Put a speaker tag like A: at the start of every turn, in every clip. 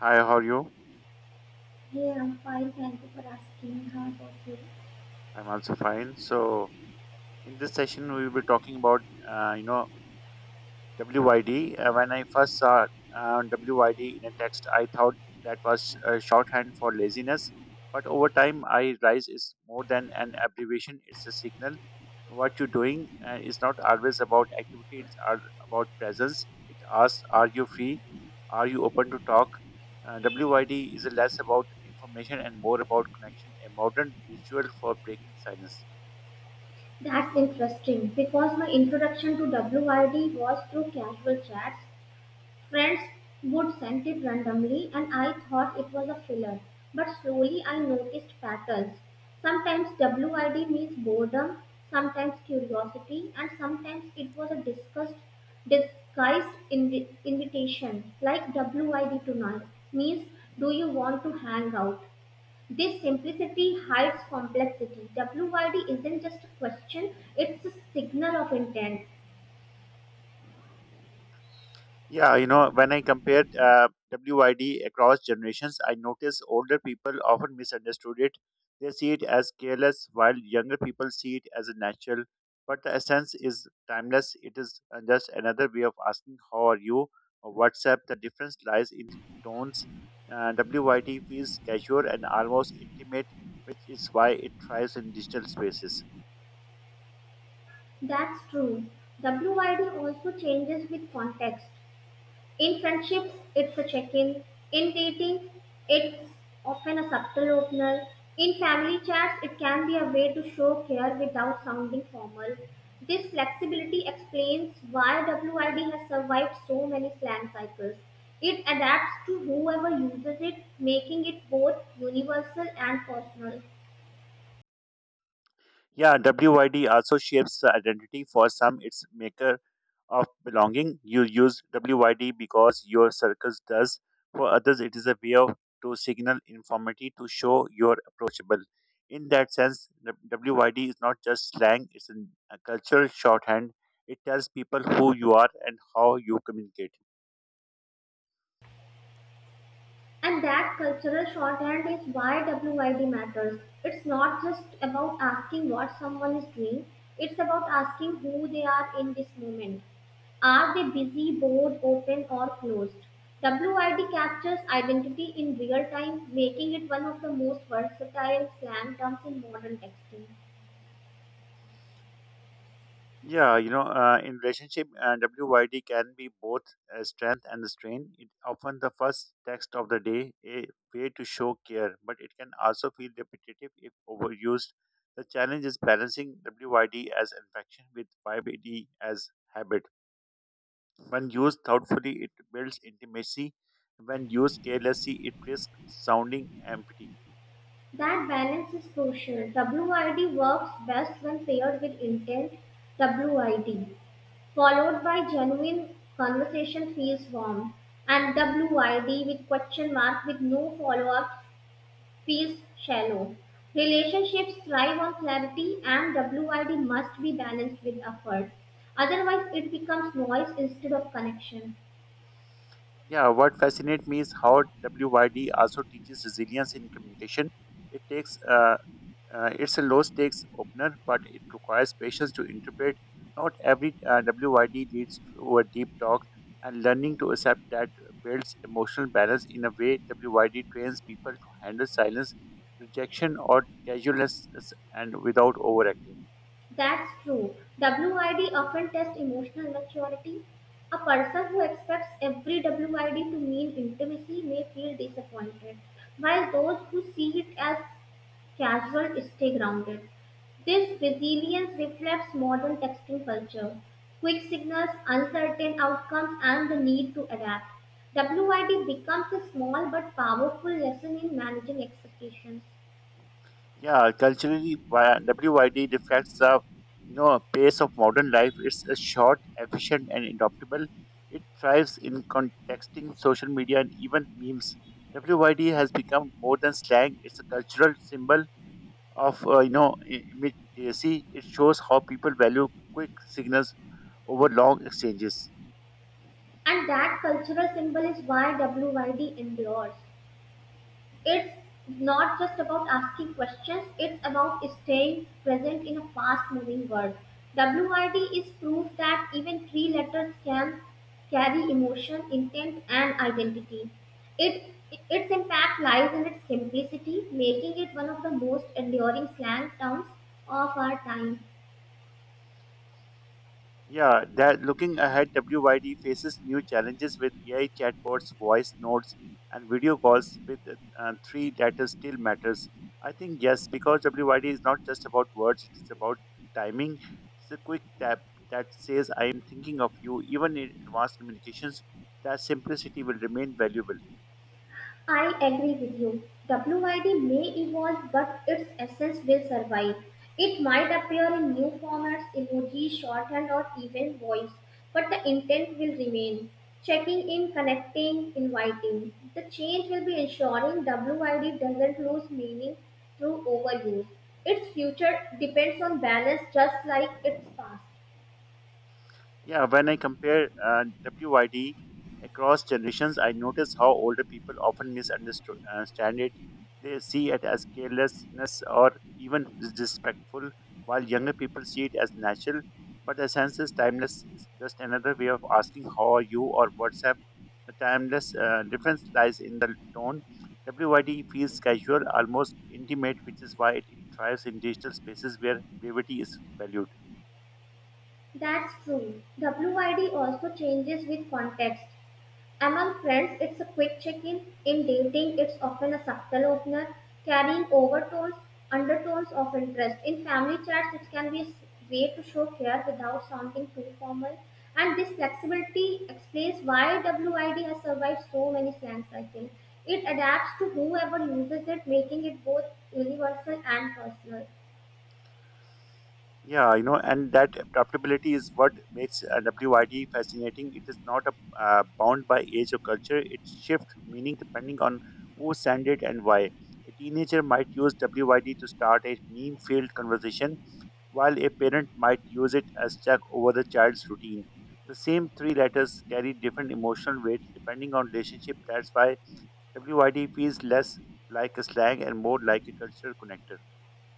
A: Hi, how are you?
B: Hey, I'm fine. Thank you for asking. How about you?
A: I'm also fine. So, in this session, we will be talking about, uh, you know, WYD. When I first saw WYD in a text, I thought that was shorthand for laziness. But over time, I realized it's more than an abbreviation, it's a signal. What you're doing is not always about activity, it's all about presence. It asks, are you free? Are you open to talk? WYD is less about information and more about connection, a modern ritual for breaking silence.
B: That's interesting because my introduction to W.I.D. was through casual chats. Friends would send it randomly, and I thought it was a filler. But slowly I noticed patterns. Sometimes W.I.D. means boredom, sometimes curiosity, and sometimes it was a disguised invitation like WID tonight means do you want to hang out? This simplicity hides complexity. WYD isn't just a question, it's a signal of intent.
A: Yeah, when I compared WID across generations, I noticed older people often misunderstood it. They see it as careless, while younger people see it as a natural. But the essence is timeless. It is just another way of asking, how are you? Or WhatsApp. The difference lies in tones. WID feels casual and almost intimate, which is why it thrives in digital spaces.
B: That's true. WYD also changes with context. In friendships, it's a check in. In dating, it's often a subtle opener. In family chats, it can be a way to show care without sounding formal. This flexibility explains why WID has survived so many slang cycles. It adapts to whoever uses it, making it both universal and personal.
A: Yeah, WYD also shapes the identity for some its maker of belonging. You use WYD because your circus does. For others, it is a way of, to signal informity to show you're approachable. In that sense, the WYD is not just slang, it's a cultural shorthand. It tells people who you are and how you communicate.
B: And that cultural shorthand is why WID matters. It's not just about asking what someone is doing, it's about asking who they are in this moment. Are they busy, bored, open, or closed? WID captures identity in real time, making it one of the most versatile slang terms in modern texting.
A: Yeah, in relationship, WYD can be both a strength and a strain. It often the first text of the day, a way to show care, but it can also feel repetitive if overused. The challenge is balancing WYD as infection with YBD as habit. When used thoughtfully, it builds intimacy. When used carelessly, it risks sounding empty.
B: That balance is crucial. WID works best when paired with intent WID. Followed by genuine conversation feels warm, and W.I.D. with question mark with no follow-up feels shallow. Relationships thrive on clarity, and W.I.D. must be balanced with effort. Otherwise, it becomes noise instead of connection.
A: Yeah, what fascinates me is how WYD also teaches resilience in communication. it takes uh, it's a low stakes opener, but it requires patience to interpret. Not every WYD leads to a deep talk, and learning to accept that builds emotional balance in a way WYD trains people to handle silence, rejection, or casualness and without overacting.
B: That's true. WID often tests emotional maturity. A person who expects every WID to mean intimacy may feel disappointed, while those who see it as casual, stay grounded. This resilience reflects modern texting culture. Quick signals, uncertain outcomes, and the need to adapt. WID becomes a small but powerful lesson in managing expectations.
A: Yeah, culturally, WYD reflects the pace of modern life. It's a short, efficient, and adaptable. It thrives in contexting social media and even memes. WYD has become more than slang. It's a cultural symbol of immediacy. It shows how people value quick signals over long exchanges.
B: And that cultural symbol is why WID endures. It's not just about asking questions, it's about staying present in a fast moving world. WRD is proof that even three letters can carry emotion, intent, and identity. It its impact lies in its simplicity, making it one of the most enduring slang terms of our time.
A: Yeah, that looking ahead, WYD faces new challenges with AI chatbots, voice notes, and video calls with three letters still matters. I think yes, because WYD is not just about words, it is about timing. It's a quick tap that says I am thinking of you. Even in advanced communications, that simplicity will remain valuable.
B: I agree with you. WID may evolve, but its essence will survive. It might appear in new formats, emoji, shorthand, or even voice, but the intent will remain. Checking in, connecting, inviting. The change will be ensuring WID doesn't lose meaning through overuse. Its future depends on balance just like its past.
A: Yeah, when I compare WYD across generations, I notice how older people often misunderstand it. They see it as carelessness or even disrespectful, while younger people see it as natural. But the sense is timeless is just another way of asking how are you or what's up. The timeless difference lies in the tone. WYD feels casual, almost intimate, which is why it thrives in digital spaces where brevity is valued.
B: That's true. WID also changes with context. Among friends, it's a quick check-in. In dating, it's often a subtle opener, carrying overtones, undertones of interest. In family chats, it can be a way to show care without sounding too formal. And this flexibility explains why WID has survived so many slang cycles. It adapts to whoever uses it, making it both universal and personal.
A: Yeah, and that adaptability is what makes WYD fascinating. It is not bound by age or culture. It shifts meaning depending on who sent it and why. A teenager might use WYD to start a meme-filled conversation, while a parent might use it as check over the child's routine. The same three letters carry different emotional weight depending on relationship. That's why WYD feels less like a slang and more like a cultural connector.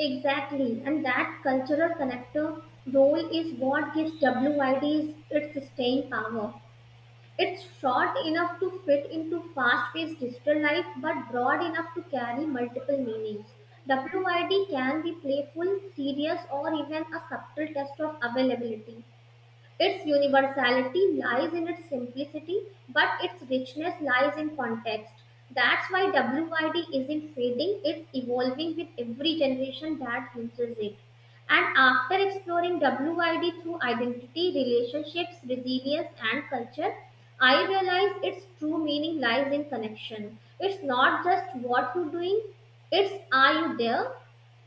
B: Exactly, and that cultural connector role is what gives WID its staying power. It's short enough to fit into fast paced digital life but broad enough to carry multiple meanings. WID can be playful, serious, or even a subtle test of availability. Its universality lies in its simplicity, but its richness lies in context. That's why WID isn't fading, it's evolving with every generation that uses it. And after exploring WID through identity, relationships, resilience, and culture, I realize its true meaning lies in connection. It's not just what you're doing, it's are you there?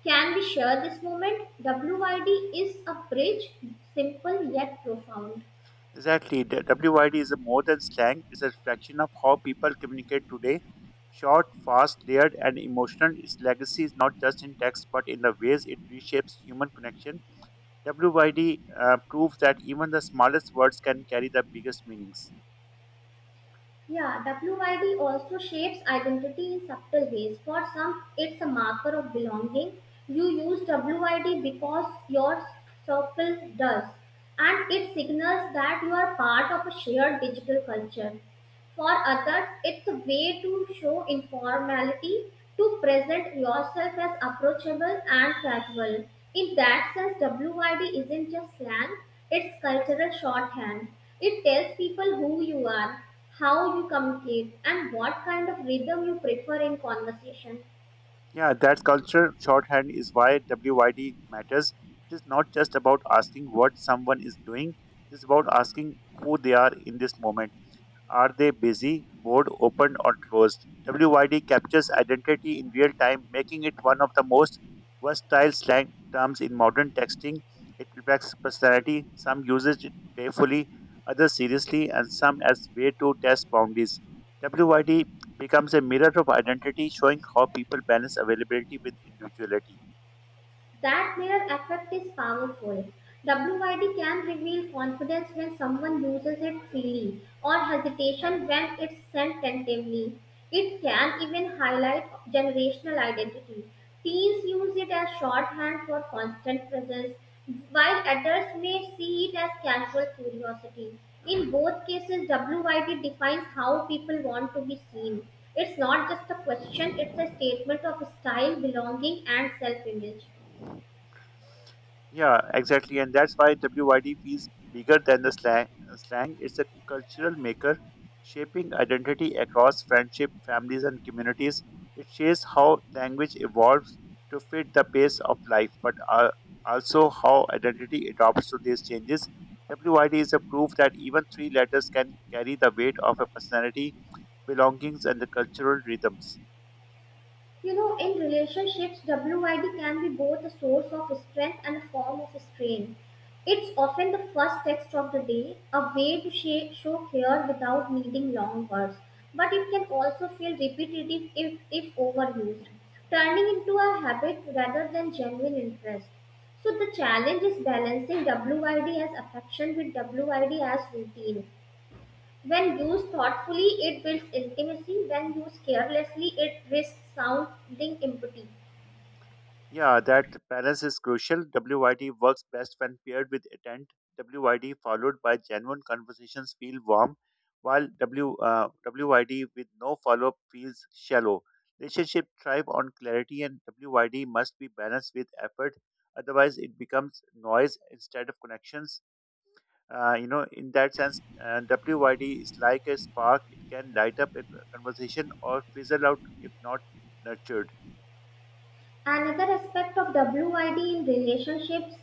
B: Can we share this moment? WYD is a bridge, simple yet profound.
A: Exactly. The WYD is a more than slang, it's a reflection of how people communicate today. Short, fast, layered, and emotional, its legacy is not just in text but in the ways it reshapes human connection. WYD proves that even the smallest words can carry the biggest meanings.
B: Yeah, WYD also shapes identity in subtle ways. For some, it's a marker of belonging. You use WYD because your circle does, and it signals that you are part of a shared digital culture. For others, it's a way to show informality, to present yourself as approachable and casual. In that sense, WYD isn't just slang, it's cultural shorthand. It tells people who you are, how you communicate, and what kind of rhythm you prefer in conversation.
A: Yeah, that culture shorthand is why WYD matters. It is not just about asking what someone is doing, it is about asking who they are in this moment. Are they busy, bored, open, or closed? WYD captures identity in real time, making it one of the most versatile slang terms in modern texting. It reflects personality. Some use it playfully, others seriously, and some as way to test boundaries. WYD becomes a mirror of identity, showing how people balance availability with individuality.
B: That mirror effect is powerful. WYD can reveal confidence when someone uses it freely or hesitation when it's sent tentatively. It can even highlight generational identity. Teens use it as shorthand for constant presence, while adults may see it as casual curiosity. In both cases, WYD defines how people want to be seen. It's not just a question, it's a statement of style, belonging, and self image.
A: Yeah, exactly. And that's why WYD feels bigger than the slang. It's a cultural maker, shaping identity across friendship, families, and communities. It shows how language evolves to fit the pace of life, but also how identity adopts to these changes. WYD is a proof that even three letters can carry the weight of a personality, belongings, and the cultural rhythms.
B: You know, in relationships, WID can be both a source of strength and a form of strain. It's often the first text of the day, a way to show care without needing long words. But it can also feel repetitive if overused, turning into a habit rather than genuine interest. So the challenge is balancing WID as affection with WID as routine. When used thoughtfully, it builds intimacy. When used carelessly, it risks sounding empty.
A: Yeah, that balance is crucial. WYD works best when paired with intent. WYD followed by genuine conversations feel warm, while WYD with no follow up feels shallow. Relationship thrive on clarity, and WYD must be balanced with effort. Otherwise, it becomes noise instead of connections. In that sense, WYD is like a spark. It can light up a conversation or fizzle out if not nurtured.
B: Another aspect of WID in relationships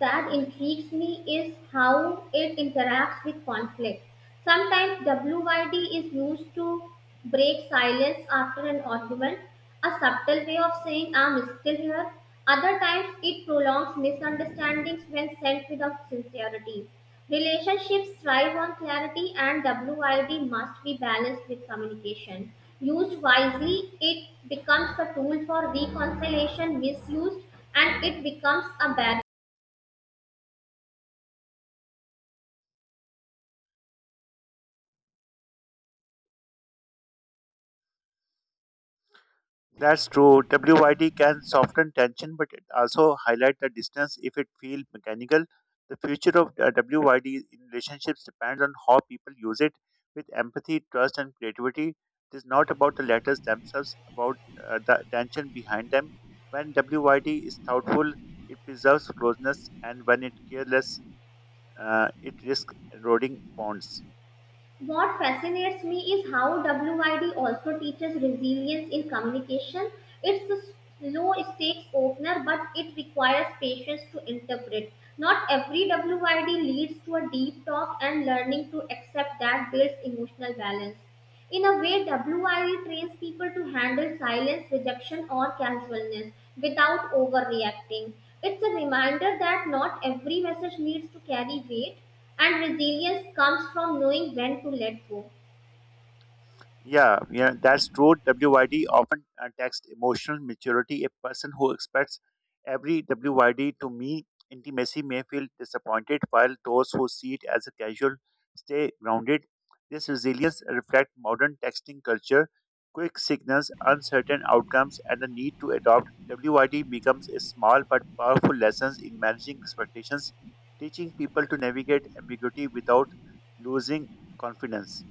B: that intrigues me is how it interacts with conflict. Sometimes WID is used to break silence after an argument, a subtle way of saying, I'm still here. Other times, it prolongs misunderstandings when sent without sincerity. Relationships thrive on clarity, and WID must be balanced with communication. Used wisely, it becomes a tool for reconciliation; misused, and it becomes a barrier.
A: That's true. WYD can soften tension, but it also highlight the distance if it feels mechanical. The future of WYD in relationships depends on how people use it with empathy, trust, and creativity. It is not about the letters themselves, about the tension behind them. When WYD is thoughtful, it preserves closeness, and when it careless, it risks eroding bonds.
B: What fascinates me is how WID also teaches resilience in communication. It's a low stakes opener, but it requires patience to interpret. Not every WID leads to a deep talk, and learning to accept that builds emotional balance. In a way, WIE trains people to handle silence, rejection, or casualness without overreacting. It's a reminder that not every message needs to carry weight, and resilience comes from knowing when to let go.
A: Yeah, yeah, that's true. WYD often takes emotional maturity. A person who expects every WYD to mean intimacy may feel disappointed, while those who see it as a casual stay grounded. This resilience reflects modern texting culture, quick signals, uncertain outcomes, and the need to adopt. WYD becomes a small but powerful lesson in managing expectations, teaching people to navigate ambiguity without losing confidence.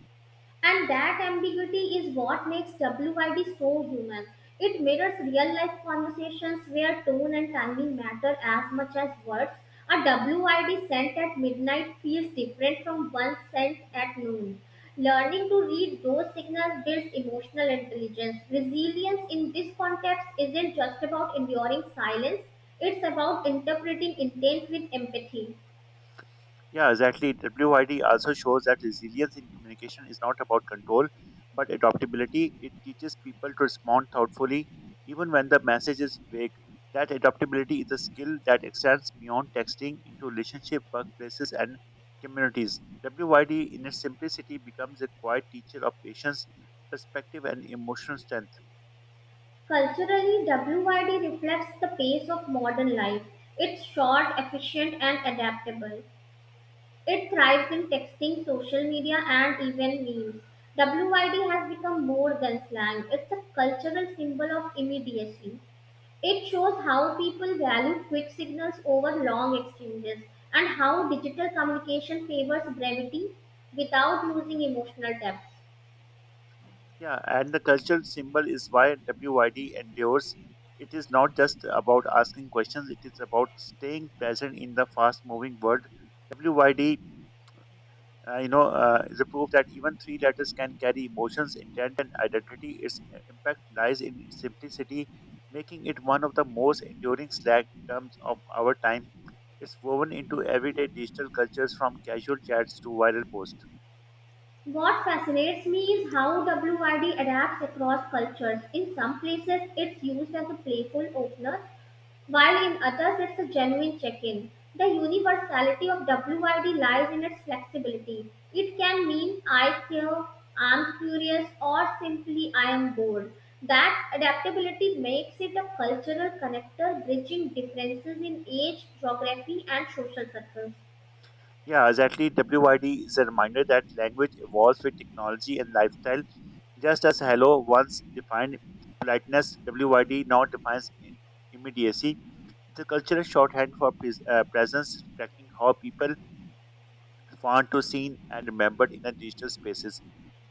B: And that ambiguity is what makes WID so human. It mirrors real life conversations where tone and timing matter as much as words. A WID sent at midnight feels different from one sent at noon. Learning to read those signals builds emotional intelligence. Resilience in this context isn't just about enduring silence, it's about interpreting intent with empathy.
A: Yeah, exactly. WID also shows that resilience in communication is not about control, but adaptability. It teaches people to respond thoughtfully, even when the message is vague. That adaptability is a skill that extends beyond texting into relationship, workplaces, and communities. WID, in its simplicity, becomes a quiet teacher of patience, perspective, and emotional strength.
B: Culturally, WYD reflects the pace of modern life. It's short, efficient, and adaptable. It thrives in texting, social media, and even memes. WYD has become more than slang, it's a cultural symbol of immediacy. It shows how people value quick signals over long exchanges and how digital communication favors brevity without losing emotional depth.
A: Yeah, and the cultural symbol is why WYD endures. It is not just about asking questions, it is about staying present in the fast moving world. WYD, is a proof that even three letters can carry emotions, intent, and identity. Its impact lies in its simplicity, making it one of the most enduring slang terms of our time. It's woven into everyday digital cultures from casual chats to viral posts.
B: What fascinates me is how WRD adapts across cultures. In some places, it's used as a playful opener, while in others, it's a genuine check in. The universality of WRD lies in its flexibility. It can mean I care, I'm curious, or simply I am bored. That adaptability makes it a cultural connector, bridging differences in age, geography, and social circles.
A: Yeah, exactly. WYD is a reminder that language evolves with technology and lifestyle. Just as hello once defined politeness, WYD now defines immediacy. It's a cultural shorthand for presence, reflecting how people want to seen and remembered in a digital spaces.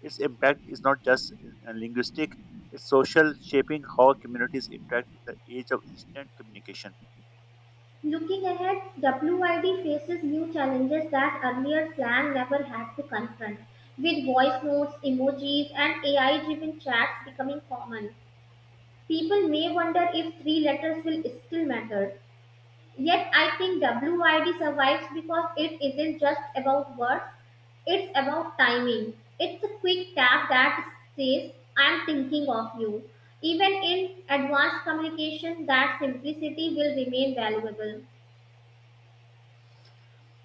A: Its impact is not just linguistic; it's social, shaping how communities interact in the age of instant communication.
B: Looking ahead, WID faces new challenges that earlier slang never had to confront. With voice notes, emojis, and AI driven chats becoming common, people may wonder if three letters will still matter. Yet, I think WID survives because it isn't just about words, it's about timing. It's a quick tap that says, I'm thinking of you. Even in advanced communication, that simplicity will remain valuable.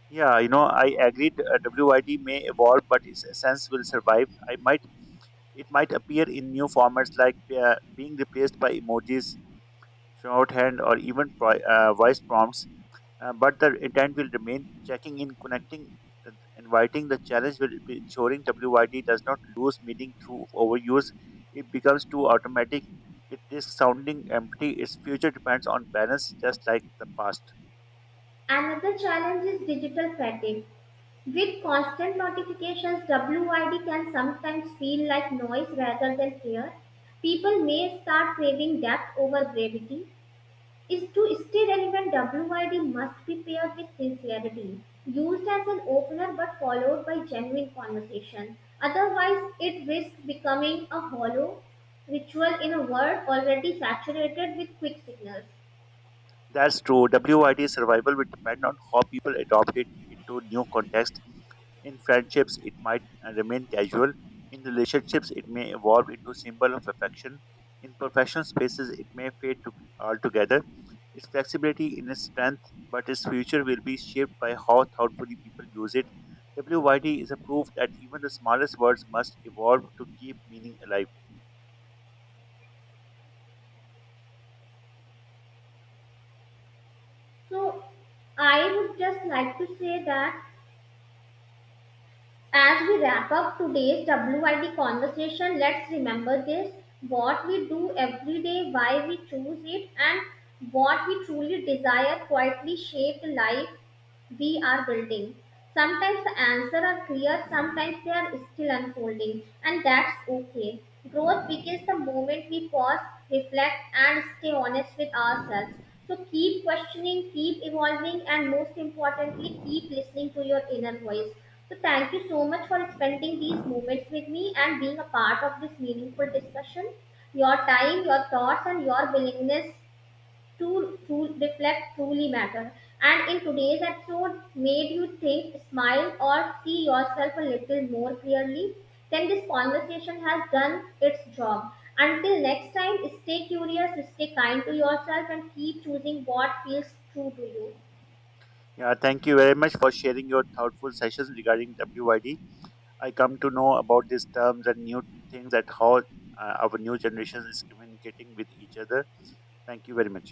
A: Yeah, I agreed. WYD may evolve, but its essence will survive. I might It might appear in new formats like being replaced by emojis, shorthand, or even voice prompts, but the intent will remain checking in, connecting, and inviting. The challenge will be ensuring WYD does not lose meaning through overuse. It becomes too automatic. It is sounding empty. Its future depends on balance, just like the past.
B: Another challenge is digital fatigue. With constant notifications, WID can sometimes feel like noise rather than care. People may start craving depth over brevity. Is to stay relevant, WID must be paired with sincerity, used as an opener but followed by genuine conversation. Otherwise, it risks becoming a hollow ritual in a world already saturated with quick signals.
A: That's true. WID survival will depend on how people adopt it into new context. In friendships, it might remain casual. In relationships, it may evolve into symbol of affection. In professional spaces, it may fade to, altogether. Its flexibility in its strength, but its future will be shaped by how thoughtfully people use it. WYD is a proof that even the smallest words must evolve to keep meaning alive.
B: So, I would just like to say that as we wrap up today's WID conversation, let's remember this: what we do every day, why we choose it, and what we truly desire quietly shape the life we are building. Sometimes the answers are clear, sometimes they are still unfolding, and that's okay. Growth begins the moment we pause, reflect, and stay honest with ourselves. So keep questioning, keep evolving, and most importantly, keep listening to your inner voice. So thank you so much for spending these moments with me and being a part of this meaningful discussion. Your time, your thoughts, and your willingness to reflect truly matter. And in today's episode, made you think, smile, or see yourself a little more clearly, then this conversation has done its job. Until next time, stay curious, stay kind to yourself, and keep choosing what feels true to you.
A: Yeah, thank you very much for sharing your thoughtful sessions regarding WYD. I come to know about these terms and new things that how our new generation is communicating with each other. Thank you very much.